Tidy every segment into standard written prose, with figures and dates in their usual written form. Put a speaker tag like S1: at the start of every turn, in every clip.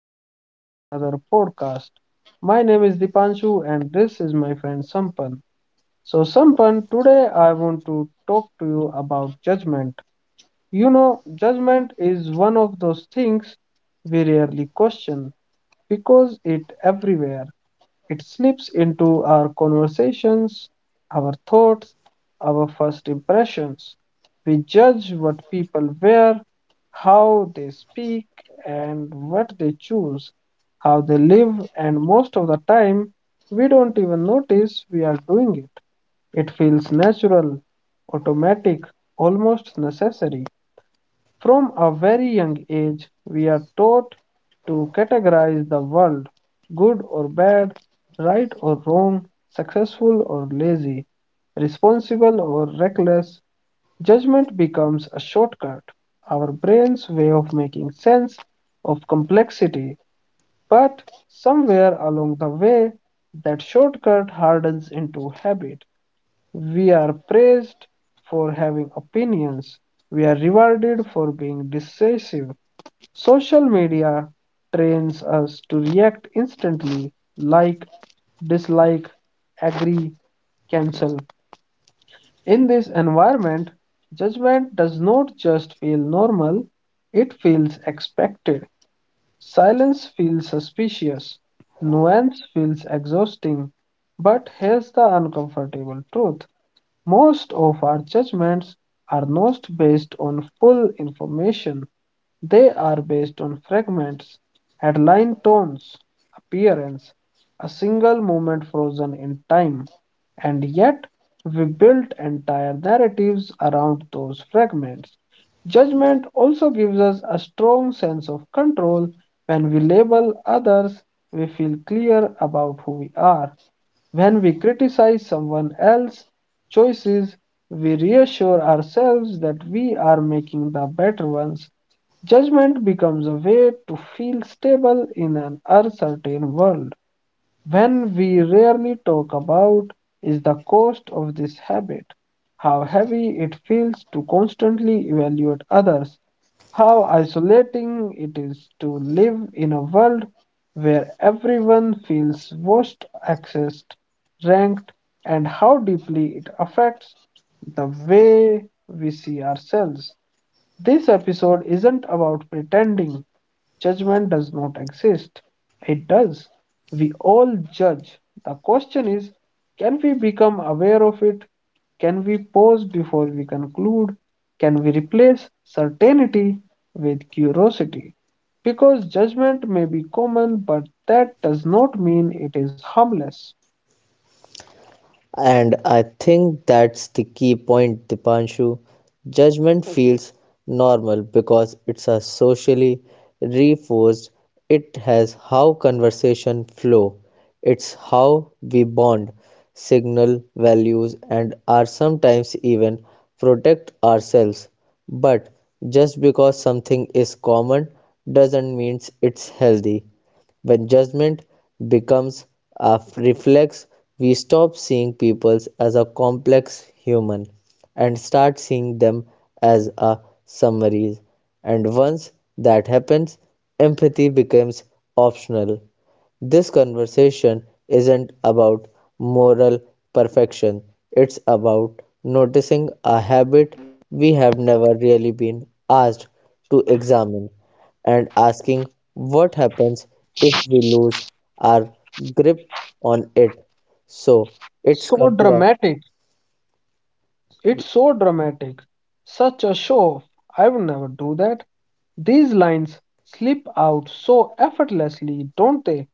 S1: welcome to another podcast. My name is Dipanshu, and this is my friend Sampan. So, Sampan, today I want to talk to you about judgment. You know, judgment is one of those things we rarely question because it everywhere. It slips into our conversations, our thoughts, our first impressions. We judge what people wear, how they speak, and what they choose, how they live, and most of the time, we don't even notice we are doing it. It feels natural, automatic, almost necessary. From a very young age, we are taught to categorize the world good or bad, right or wrong, successful or lazy, responsible or reckless. Judgment becomes a shortcut, our brain's way of making sense of complexity. But somewhere along the way, that shortcut hardens into habit. We are praised for having opinions. We are rewarded for being decisive. Social media trains us to react instantly like, dislike, agree, cancel. In this environment, judgment does not just feel normal, it feels expected. Silence feels suspicious. Nuance feels exhausting. But here's the uncomfortable truth, most of our judgments are not based on full information, they are based on fragments, headline tones, appearance, a single moment frozen in time, and yet we build entire narratives around those fragments. Judgment also gives us a strong sense of control. When we label others, we feel clear about who we are. When we criticize someone else's choices, we reassure ourselves that we are making the better ones. Judgment becomes a way to feel stable in an uncertain world. When we rarely talk about is the cost of this habit, how heavy it feels to constantly evaluate others, how isolating it is to live in a world where everyone feels watched, accessed, ranked, and how deeply it affects the way we see ourselves. This episode isn't about pretending judgment does not exist. It does. We all judge. The question is, can we become aware of it? Can we pause before we conclude? Can we replace certainty with curiosity? Because judgment may be common, but that does not mean it is harmless.
S2: And I think that's the key point, Dipanshu. Judgment feels normal because it's a socially reinforced. It has how conversation flow. It's how we bond, signal values, and are sometimes even protect ourselves. But just because something is common doesn't mean it's healthy. When judgment becomes a reflex, we stop seeing people as a complex human and start seeing them as a summaries. And once that happens, empathy becomes optional. This conversation isn't about moral perfection, it's about noticing a habit we have never really been asked to examine and asking what happens if we lose our grip on it. So it's
S1: So
S2: come to us.
S1: dramatic. It's so dramatic. Such a show off. I would never do that. These lines slip out so effortlessly, don't they?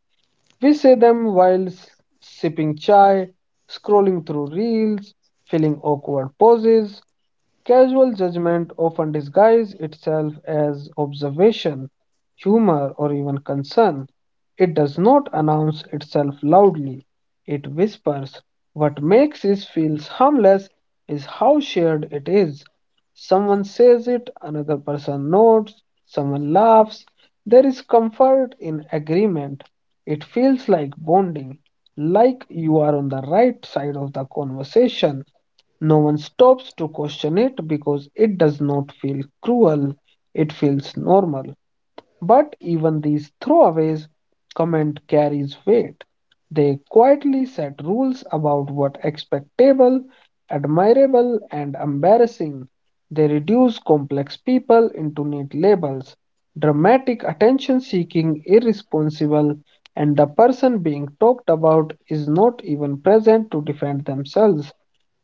S1: We say them while sipping chai, scrolling through reels, filling awkward poses. Casual judgment often disguises itself as observation, humor, or even concern. It does not announce itself loudly, it whispers. What makes it feel harmless is how shared it is. Someone says it, another person nods, someone laughs. There is comfort in agreement. It feels like bonding, like you are on the right side of the conversation. No one stops to question it because it does not feel cruel, it feels normal. But even these throwaways comment carries weight. They quietly set rules about what expectable, admirable, and embarrassing. They reduce complex people into neat labels, dramatic attention seeking, irresponsible, and the person being talked about is not even present to defend themselves,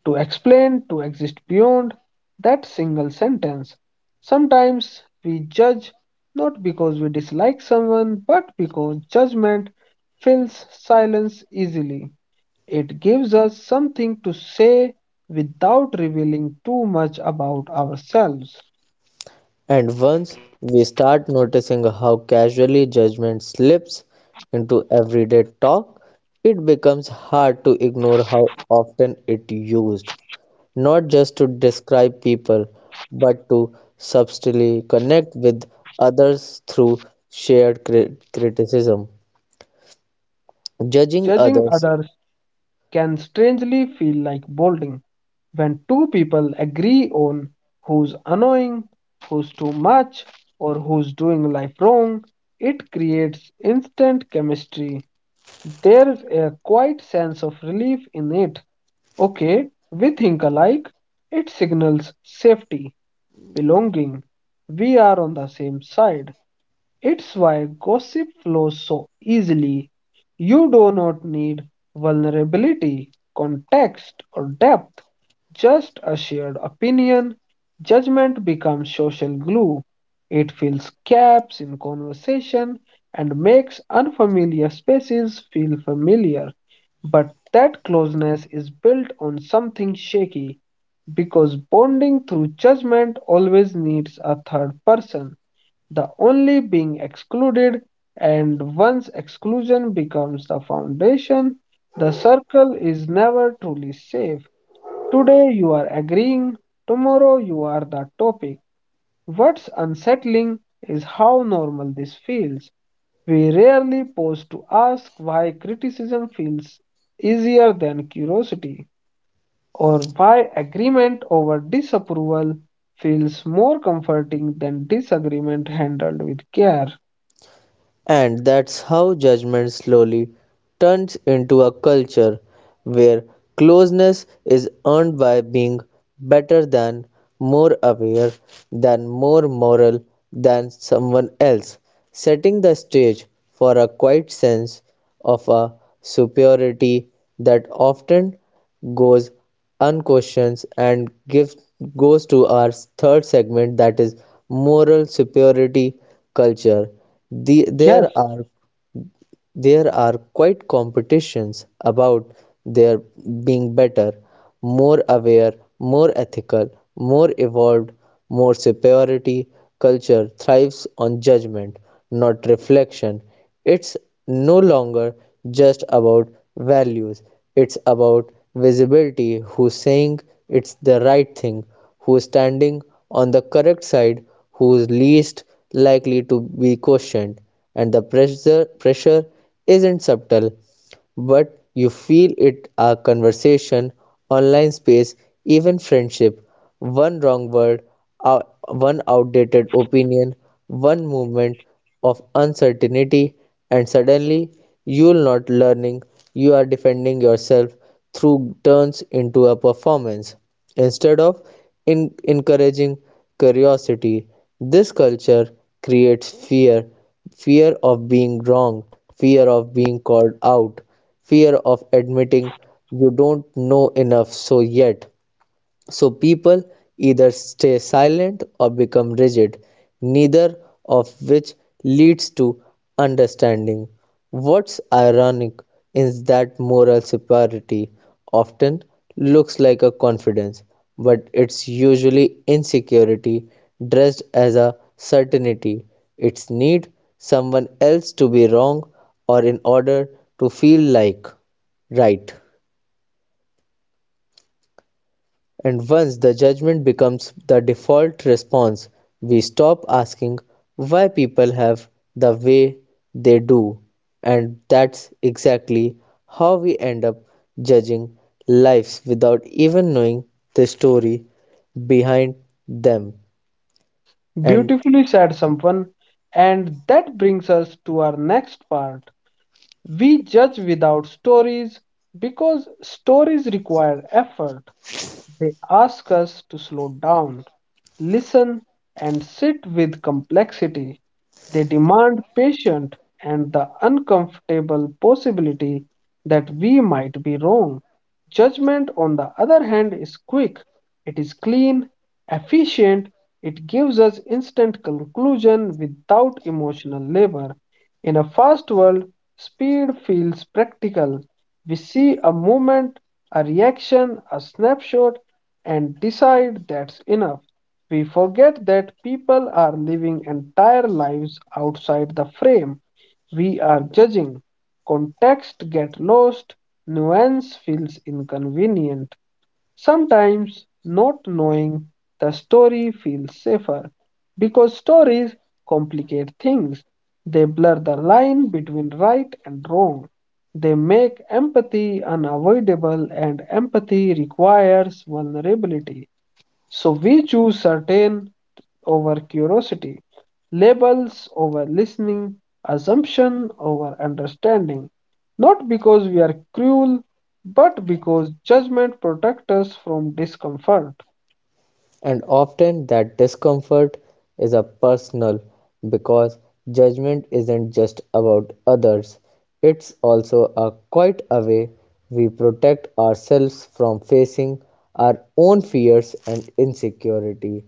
S1: to explain, to exist beyond that single sentence. Sometimes we judge not because we dislike someone, but because judgment fills silence easily. It gives us something to say without revealing too much about ourselves.
S2: And once we start noticing how casually judgment slips into everyday talk, it becomes hard to ignore how often it used, not just to describe people, but to subtly connect with others through shared criticism. Judging
S1: Judging others
S2: others.
S1: can strangely feel like bolding when two people agree on who's annoying, who's too much, or who's doing life wrong. It creates instant chemistry. There's a quiet sense of relief in it. Okay, we think alike. It signals safety, belonging. We are on the same side. It's why gossip flows so easily. You do not need vulnerability, context, or depth, just a shared opinion. Judgment becomes social glue. It fills gaps in conversation and makes unfamiliar spaces feel familiar. But that closeness is built on something shaky because bonding through judgment always needs a third person, the only being excluded, and once exclusion becomes the foundation, the circle is never truly safe. Today you are agreeing, tomorrow you are the topic. What's unsettling is how normal this feels. We rarely pause to ask why criticism feels easier than curiosity, or why agreement over disapproval feels more comforting than disagreement handled with care.
S2: And that's how judgment slowly turns into a culture where closeness is earned by being better than, more aware than, more moral than someone else, setting the stage for a quiet sense of a superiority that often goes unquestions and gives, goes to our third segment that is moral superiority culture. The,
S1: Yes,
S2: there are there are quite competitions about their being better, more aware, more ethical, more evolved, more superiority. Culture thrives on judgment, not reflection. It's no longer just about values, it's about visibility, who's saying it's the right thing, who's standing on the correct side, who's least likely to be questioned, and the pressure isn't subtle, but you feel it our conversation, online space, even friendship. One wrong word, one outdated opinion, one moment of uncertainty, and suddenly you're not learning, you are defending yourself through, turns into a performance instead of in encouraging curiosity. This culture creates fear, fear of being wrong, fear of being called out, fear of admitting you don't know enough, so people either stay silent or become rigid, neither of which leads to understanding. What's ironic is that moral superiority often looks like a confidence, but it's usually insecurity dressed as a certainty. It's need someone else to be wrong or in order to feel like right. And once the judgment becomes the default response, we stop asking why people have the way they do. And that's exactly how we end up judging lives without even knowing the story behind them. And
S1: beautifully said, Sampan. And that brings us to our next part. We judge without stories because stories require effort. They ask us to slow down, listen, and sit with complexity. They demand patience and the uncomfortable possibility that we might be wrong. Judgment, on the other hand, is quick, it is clean, efficient, it gives us instant conclusion without emotional labor. In a fast world, speed feels practical, we see a movement, a reaction, a snapshot, and decide that's enough. We forget that people are living entire lives outside the frame. We are judging. Context gets lost, nuance feels inconvenient. Sometimes not knowing the story feels safer because stories complicate things. They blur the line between right and wrong. They make empathy unavoidable, and empathy requires vulnerability. So we choose certain over curiosity, labels over listening, assumption over understanding, not because we are cruel, but because judgment protects us from discomfort.
S2: And often that discomfort is a personal because judgment isn't just about others, it's also a quite a way we protect ourselves from facing our own fears and insecurity,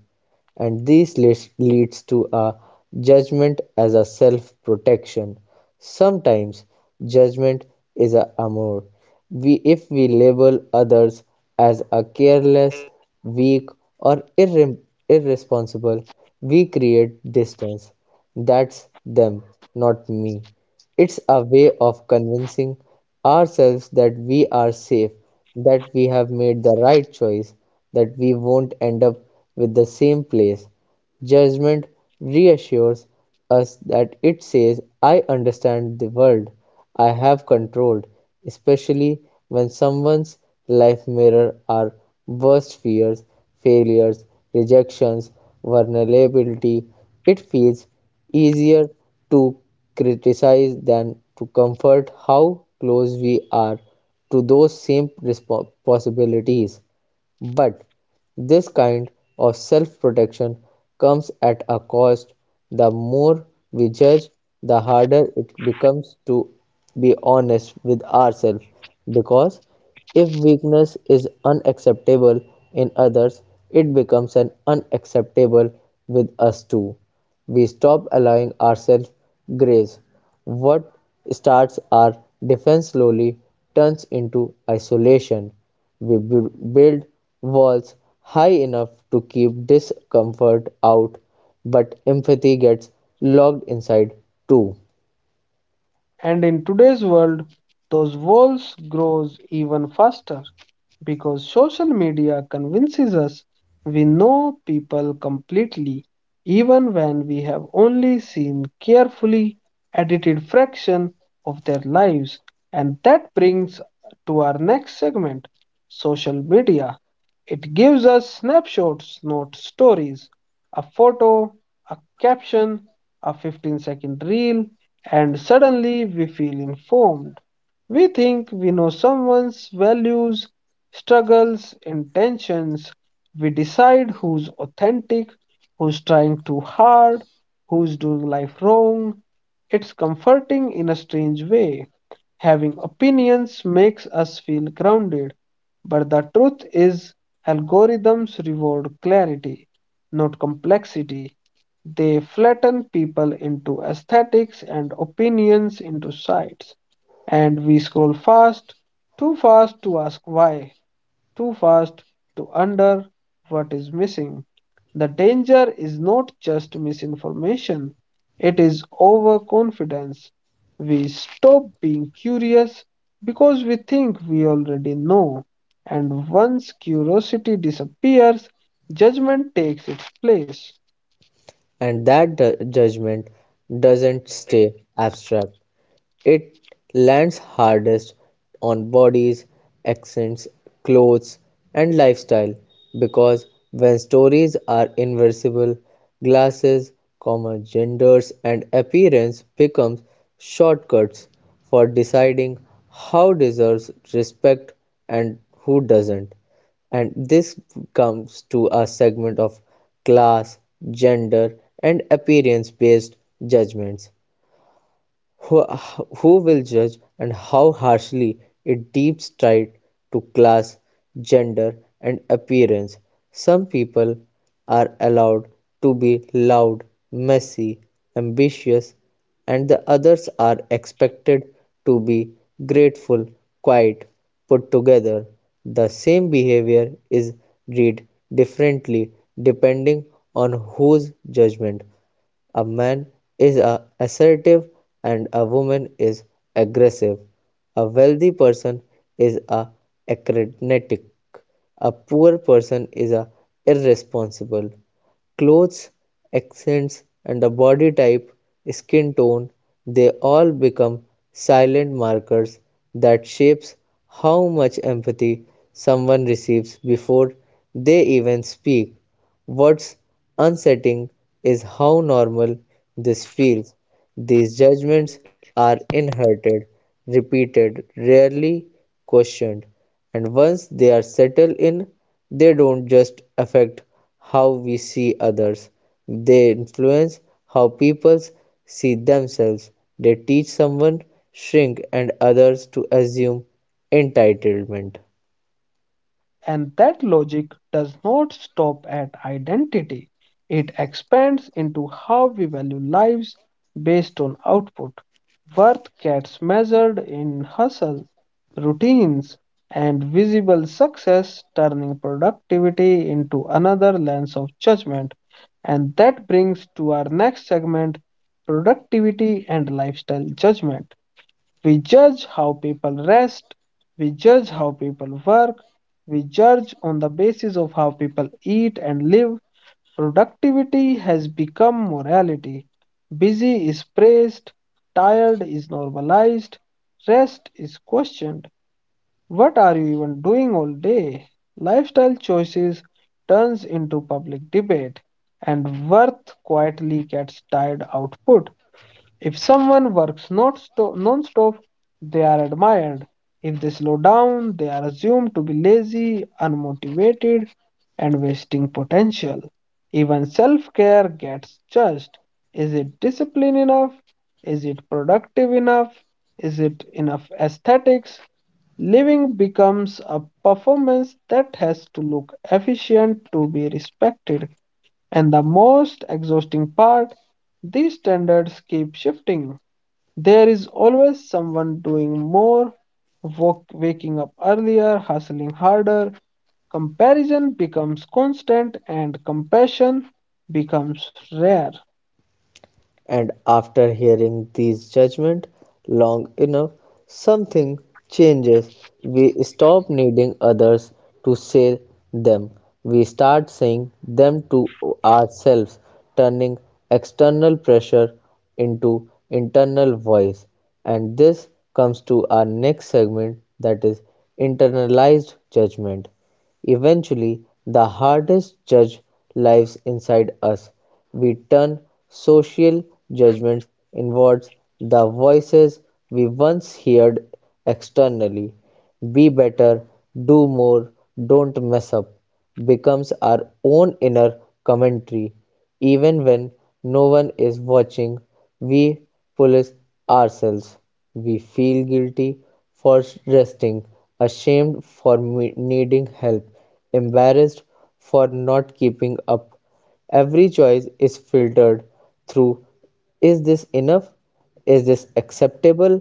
S2: and this leads to a judgment as a self protection. Sometimes judgment is a amour. We, if we label others as a careless, weak, or irresponsible, we create distance. That's them, not me. It's a way of convincing ourselves that we are safe, that we have made the right choice, that we won't end up with the same place. Judgment reassures us that it says, I understand the world I have controlled, especially when someone's life mirrors our worst fears, failures, rejections, vulnerability. It feels easier to criticize than to comfort how close we are to those same possibilities. But this kind of self protection comes at a cost. The more we judge, the harder it becomes to be honest with ourselves. Because if weakness is unacceptable in others, it becomes an unacceptable with us too. We stop allowing ourselves grace. What starts our defense slowly turns into isolation. We build walls high enough to keep discomfort out, but empathy gets locked inside too.
S1: And in today's world, those walls grows even faster because social media convinces us we know people completely, even when we have only seen carefully edited fraction of their lives. And that brings to our next segment, social media. It gives us snapshots, not stories. A photo, a caption, a 15-second reel, and suddenly we feel informed. We think we know someone's values, struggles, intentions. We decide who's authentic, who's trying too hard, who's doing life wrong. It's comforting in a strange way. Having opinions makes us feel grounded, but the truth is, algorithms reward clarity, not complexity. They flatten people into aesthetics and opinions into sides. And we scroll fast, too fast to ask why, too fast to wonder what is missing. The danger is not just misinformation, it is overconfidence. We stop being curious because we think we already know, and once curiosity disappears, judgment takes its place.
S2: And that judgment doesn't stay abstract, it lands hardest on bodies, accents, clothes, and lifestyle, because when stories are inversible, glasses, comma, genders, and appearance becomes shortcuts for deciding how deserves respect and who doesn't. And this comes to a segment of class, gender, and appearance based judgments. Who will judge and how harshly it deeps tied to class, gender, and appearance. Some people are allowed to be loud, messy, ambitious, and the others are expected to be grateful, quiet, put together. The same behavior is read differently depending on whose judgment a man is a assertive and a woman is aggressive. A wealthy person is a acrobatic. A poor person is a irresponsible. Clothes, accents, and the body type, skin tone, they all become silent markers that shapes how much empathy someone receives before they even speak. What's unsettling is how normal this feels. These judgments are inherited, repeated, rarely questioned, and once they are settled in, they don't just affect how we see others, they influence how people see themselves. They teach someone shrink and others to assume entitlement.
S1: And that logic does not stop at identity, it expands into how we value lives based on output. Worth gets measured in hustle, routines, and visible success, turning productivity into another lens of judgment. And that brings to our next segment, productivity and lifestyle judgment. We judge how people rest, we judge how people work, we judge on the basis of how people eat and live. Productivity has become morality. Busy is praised, tired is normalized, rest is questioned. What are you even doing all day? Lifestyle choices turns into public debate and worth quietly gets tired output. If someone works not sto- non-stop, they are admired. If they slow down, they are assumed to be lazy, unmotivated, and wasting potential. Even self-care gets judged. Is it discipline enough? Is it productive enough? Is it enough aesthetics? Living becomes a performance that has to look efficient to be respected. And the most exhausting part, these standards keep shifting. There is always someone doing more, waking up earlier, hustling harder. Comparison becomes constant and compassion becomes rare.
S2: And after hearing these judgments long enough, something changes. We stop needing others to say them. We start saying them to ourselves, turning external pressure into internal voice. And this comes to our next segment that is internalized judgment. Eventually, the hardest judge lives inside us; we turn social judgments inwards, the voices we once heard externally, "be better," "do more," "don't mess up" becomes our own inner commentary. Even when no one is watching, we police ourselves. We feel guilty for resting, ashamed for needing help, embarrassed for not keeping up. Every choice is filtered through, is this enough? Is this acceptable?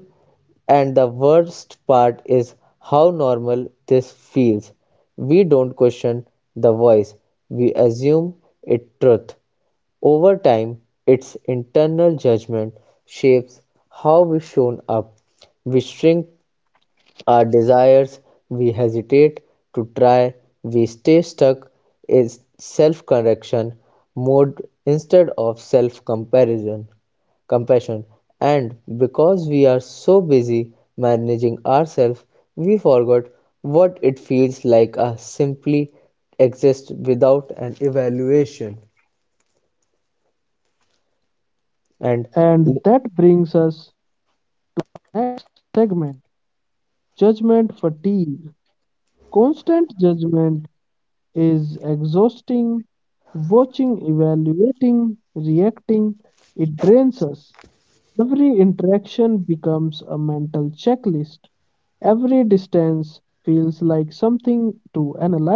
S2: And the worst part is how normal this feels. We don't question the voice, we assume it truth. Over time, its internal judgment shapes how we shown up. We shrink our desires, we hesitate to try, we stay stuck in self correction mode instead of self comparison compassion, and because we are so busy managing ourselves we forgot what it feels like to simply exist without an evaluation. And
S1: And that brings us segment judgment fatigue. Constant judgment is exhausting. Watching, evaluating, reacting, it drains us. Every interaction becomes a mental checklist. Every distance feels like something to analyze.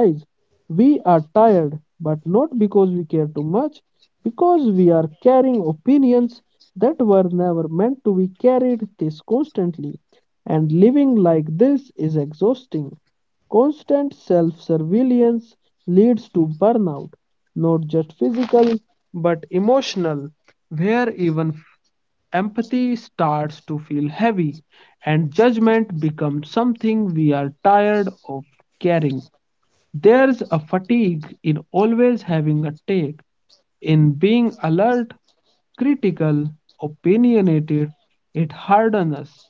S1: We are tired, but not because we care too much, because we are carrying opinions that were never meant to be carried this constantly. And living like this is exhausting. Constant self surveillance leads to burnout, not just physical but emotional, where even empathy starts to feel heavy, and judgment becomes something we are tired of carrying. There's a fatigue in always having a take, in being alert, critical, opinionated. It hardens us.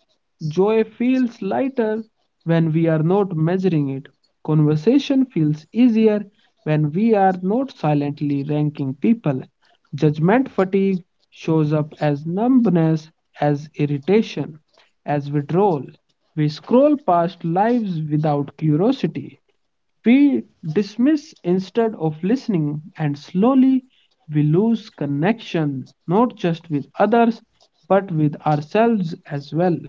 S1: Joy feels lighter when we are not measuring it. Conversation feels easier when we are not silently ranking people. Judgment fatigue shows up as numbness, as irritation, as withdrawal. We scroll past lives without curiosity. We dismiss instead of listening, and slowly we lose connection not just with others but with ourselves as well.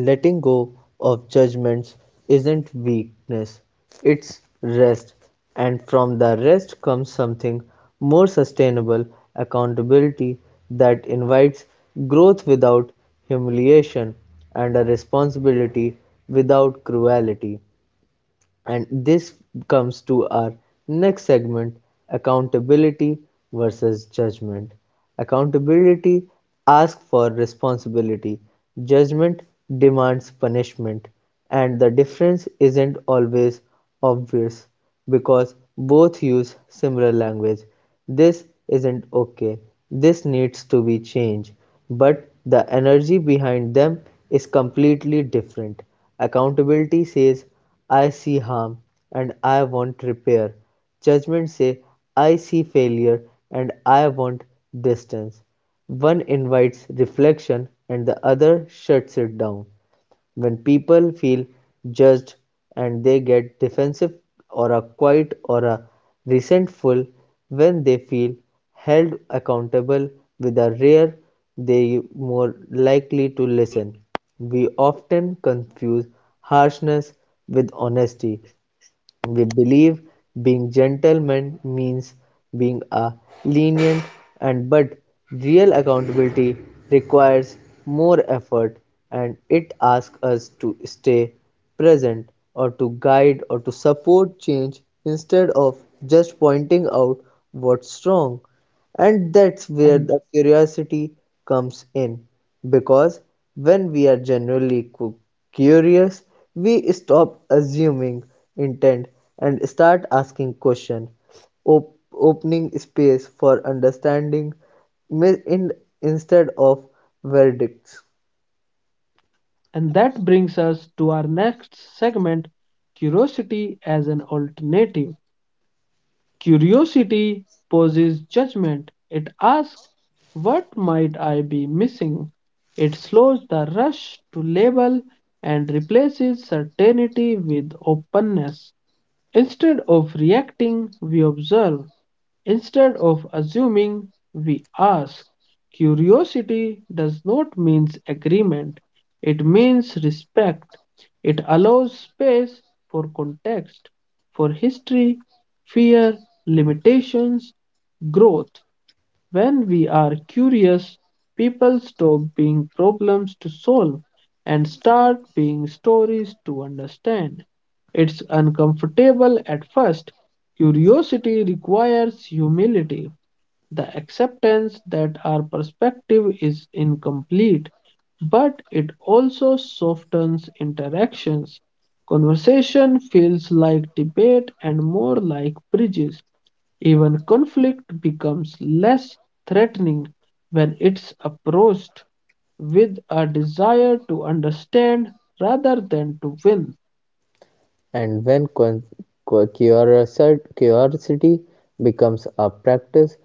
S2: letting go of judgments isn't weakness, it's rest, and from the rest comes something more sustainable, accountability that invites growth without humiliation and a responsibility without cruelty. And this comes to our next segment, accountability versus judgment. Accountability asks for responsibility, judgment demands punishment, and the difference isn't always obvious because both use similar language. This isn't okay, this needs to be changed, but the energy behind them is completely different. Accountability says I see harm and I want repair. Judgment says, I see failure and I want distance. One invites reflection and the other shuts it down. When people feel judged, and they get defensive or are quiet or are resentful. When they feel held accountable with a rare, they more likely to listen. We often confuse harshness with honesty, they believe being gentlemen means being a lenient, and but real accountability requires more effort, and it asks us to stay present or to guide or to support change instead of just pointing out what's wrong. And that's
S1: And,
S2: where the curiosity comes in. Because when we are genuinely curious, we stop assuming intent and start asking questions, opening space for understanding mi- in- instead of verdicts.
S1: and that brings us to our next segment, curiosity as an alternative. Curiosity poses judgment, it asks, what might I be missing? It slows the rush to label and replaces certainty with openness. Instead of reacting, we observe. Instead of assuming, we ask. Curiosity does not mean agreement, it means respect. It allows space for context, for history, fear, limitations, growth. When we are curious, people stop being problems to solve and start being stories to understand. It's uncomfortable at first. Curiosity requires humility, the acceptance that our perspective is incomplete, but it also softens interactions. Conversation feels like debate and more like bridges. Even conflict becomes less threatening when it's approached with a desire to understand rather than to win.
S2: And when curiosity becomes a practice,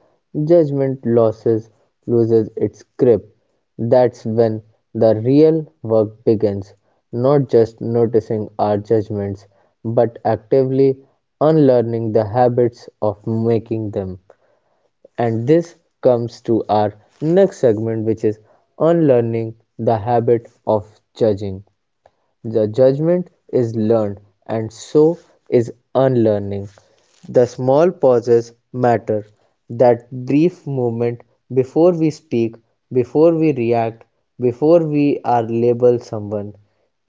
S2: judgment loses its grip. That's when the real work begins, not just noticing our judgments, but actively unlearning the habits of making them. And this comes to our next segment, which is unlearning the habit of judging. The judgment is learned, and so is unlearning. The small pauses matter, that brief moment before we speak, before we react, before we are labeled someone.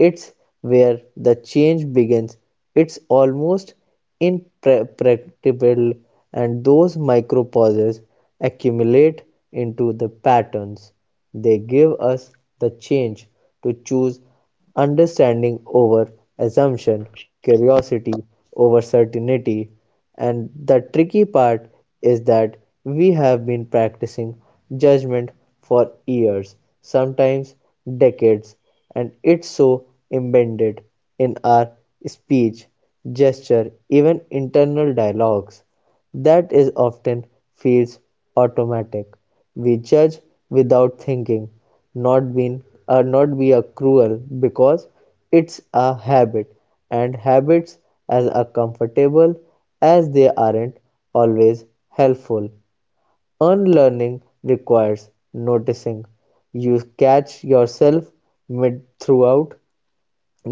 S2: It's where the change begins. It's almost imperceptible, and those micro pauses accumulate into the patterns. They give us the change to choose understanding over assumption, curiosity over certainty, and the tricky part is that we have been practicing judgment for years, sometimes decades, and it's so embedded in our speech, gesture, even internal dialogues. That is often feels automatic; we judge without thinking, not being not be a cruel because it's a habit, and habits as are comfortable as they aren't always helpful. Unlearning requires noticing. You catch yourself mid throughout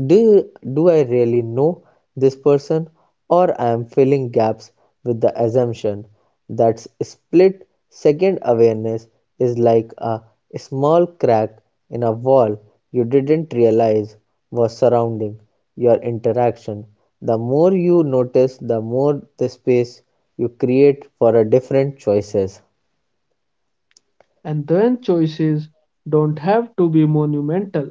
S2: do, do I really know this person, or I am filling gaps with the assumption that split second awareness is like a small crack in a wall you didn't realize was surrounding your interaction? The more you notice, the more the space you create for a different choices.
S1: And then choices don't have to be monumental,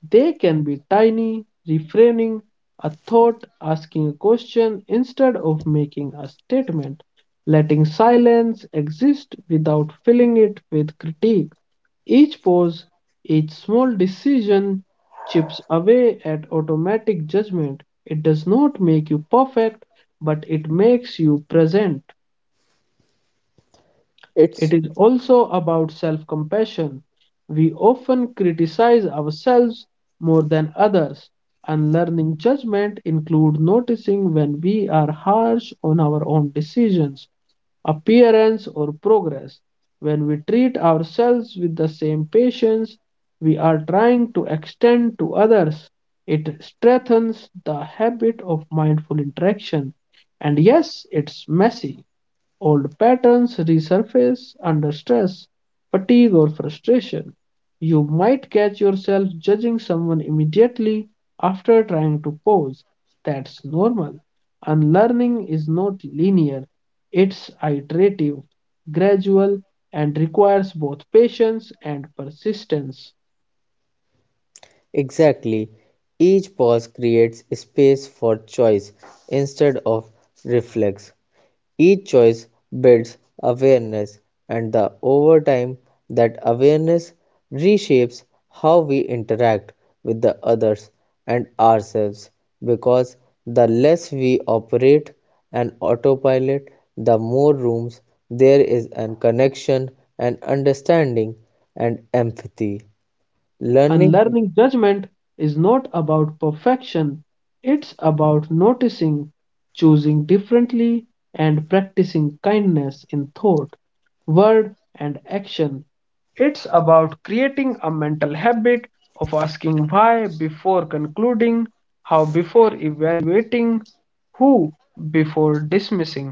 S1: they can be tiny, reframing a thought, asking a question instead of making a statement, letting silence exist without filling it with critique. Each pause, each small decision chips away at automatic judgment. It does not make you perfect, but it makes you present. It
S2: It's
S1: is also about self compassion. We often criticize ourselves more than others, and learning judgment includes noticing when we are harsh on our own decisions, appearance, or progress. When we treat ourselves with the same patience we are trying to extend to others, it strengthens the habit of mindful interaction. And yes, it's messy. Old patterns resurface under stress, fatigue, or frustration. You might catch yourself judging someone immediately after trying to pause. That's normal. Unlearning is not linear, it's iterative, gradual, and requires both patience and persistence.
S2: exactly. Each pause creates space for choice instead of reflex. Each choice builds awareness, and the over time that awareness reshapes how we interact with the others and ourselves, because the less we operate an autopilot, the more rooms there is an connection and understanding and empathy. Learning.
S1: Unlearning judgment is not about perfection, it's about noticing, choosing differently, and practicing kindness in thought, word, and action. It's about creating a mental habit of asking why before concluding, how before evaluating, who before dismissing.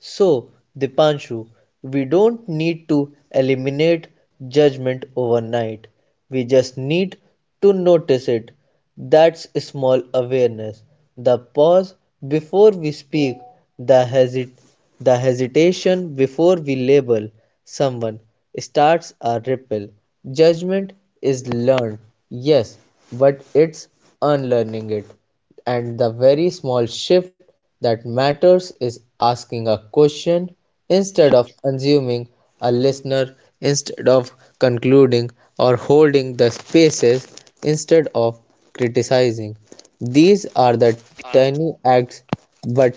S2: So, Dipanshu, we don't need to eliminate judgment overnight. We just need to notice it. That's small awareness. The pause before we speak, the, hesit- the hesitation before we label someone starts a ripple. Judgment is learned, yes, but it's unlearning it. And the very small shift that matters is asking a question instead of assuming, a listener instead of concluding, or holding the spaces instead of criticizing. These are the tiny acts but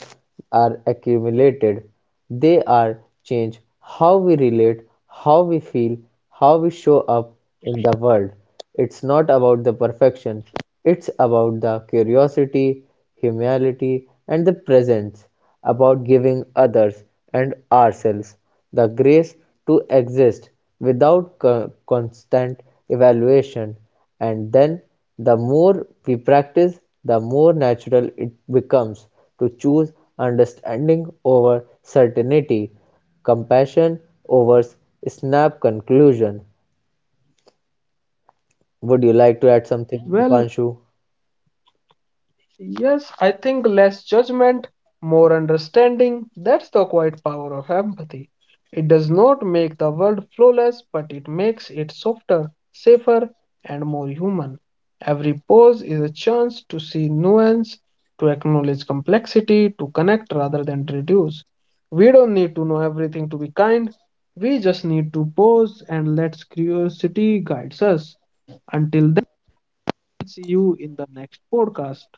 S2: are accumulated. They are change how we relate, how we feel, how we show up in the world. It's not about the perfection, it's about the curiosity, humility, and the presence, about giving others and ourselves the grace to exist without constant evaluation. And then the more we practice, the more natural it becomes to choose understanding over certainty, compassion over snap conclusion. Would you like to add
S1: Well,
S2: something, Dipanshu?
S1: yes, I think less judgment, more understanding. That's the quiet power of empathy. It does not make the world flawless, but it makes it softer, safer, and more human. Every pause is a chance to see nuance, to acknowledge complexity, to connect rather than to reduce. We don't need to know everything to be kind. We just need to pause and let curiosity guides us. Until then, see you in the next podcast.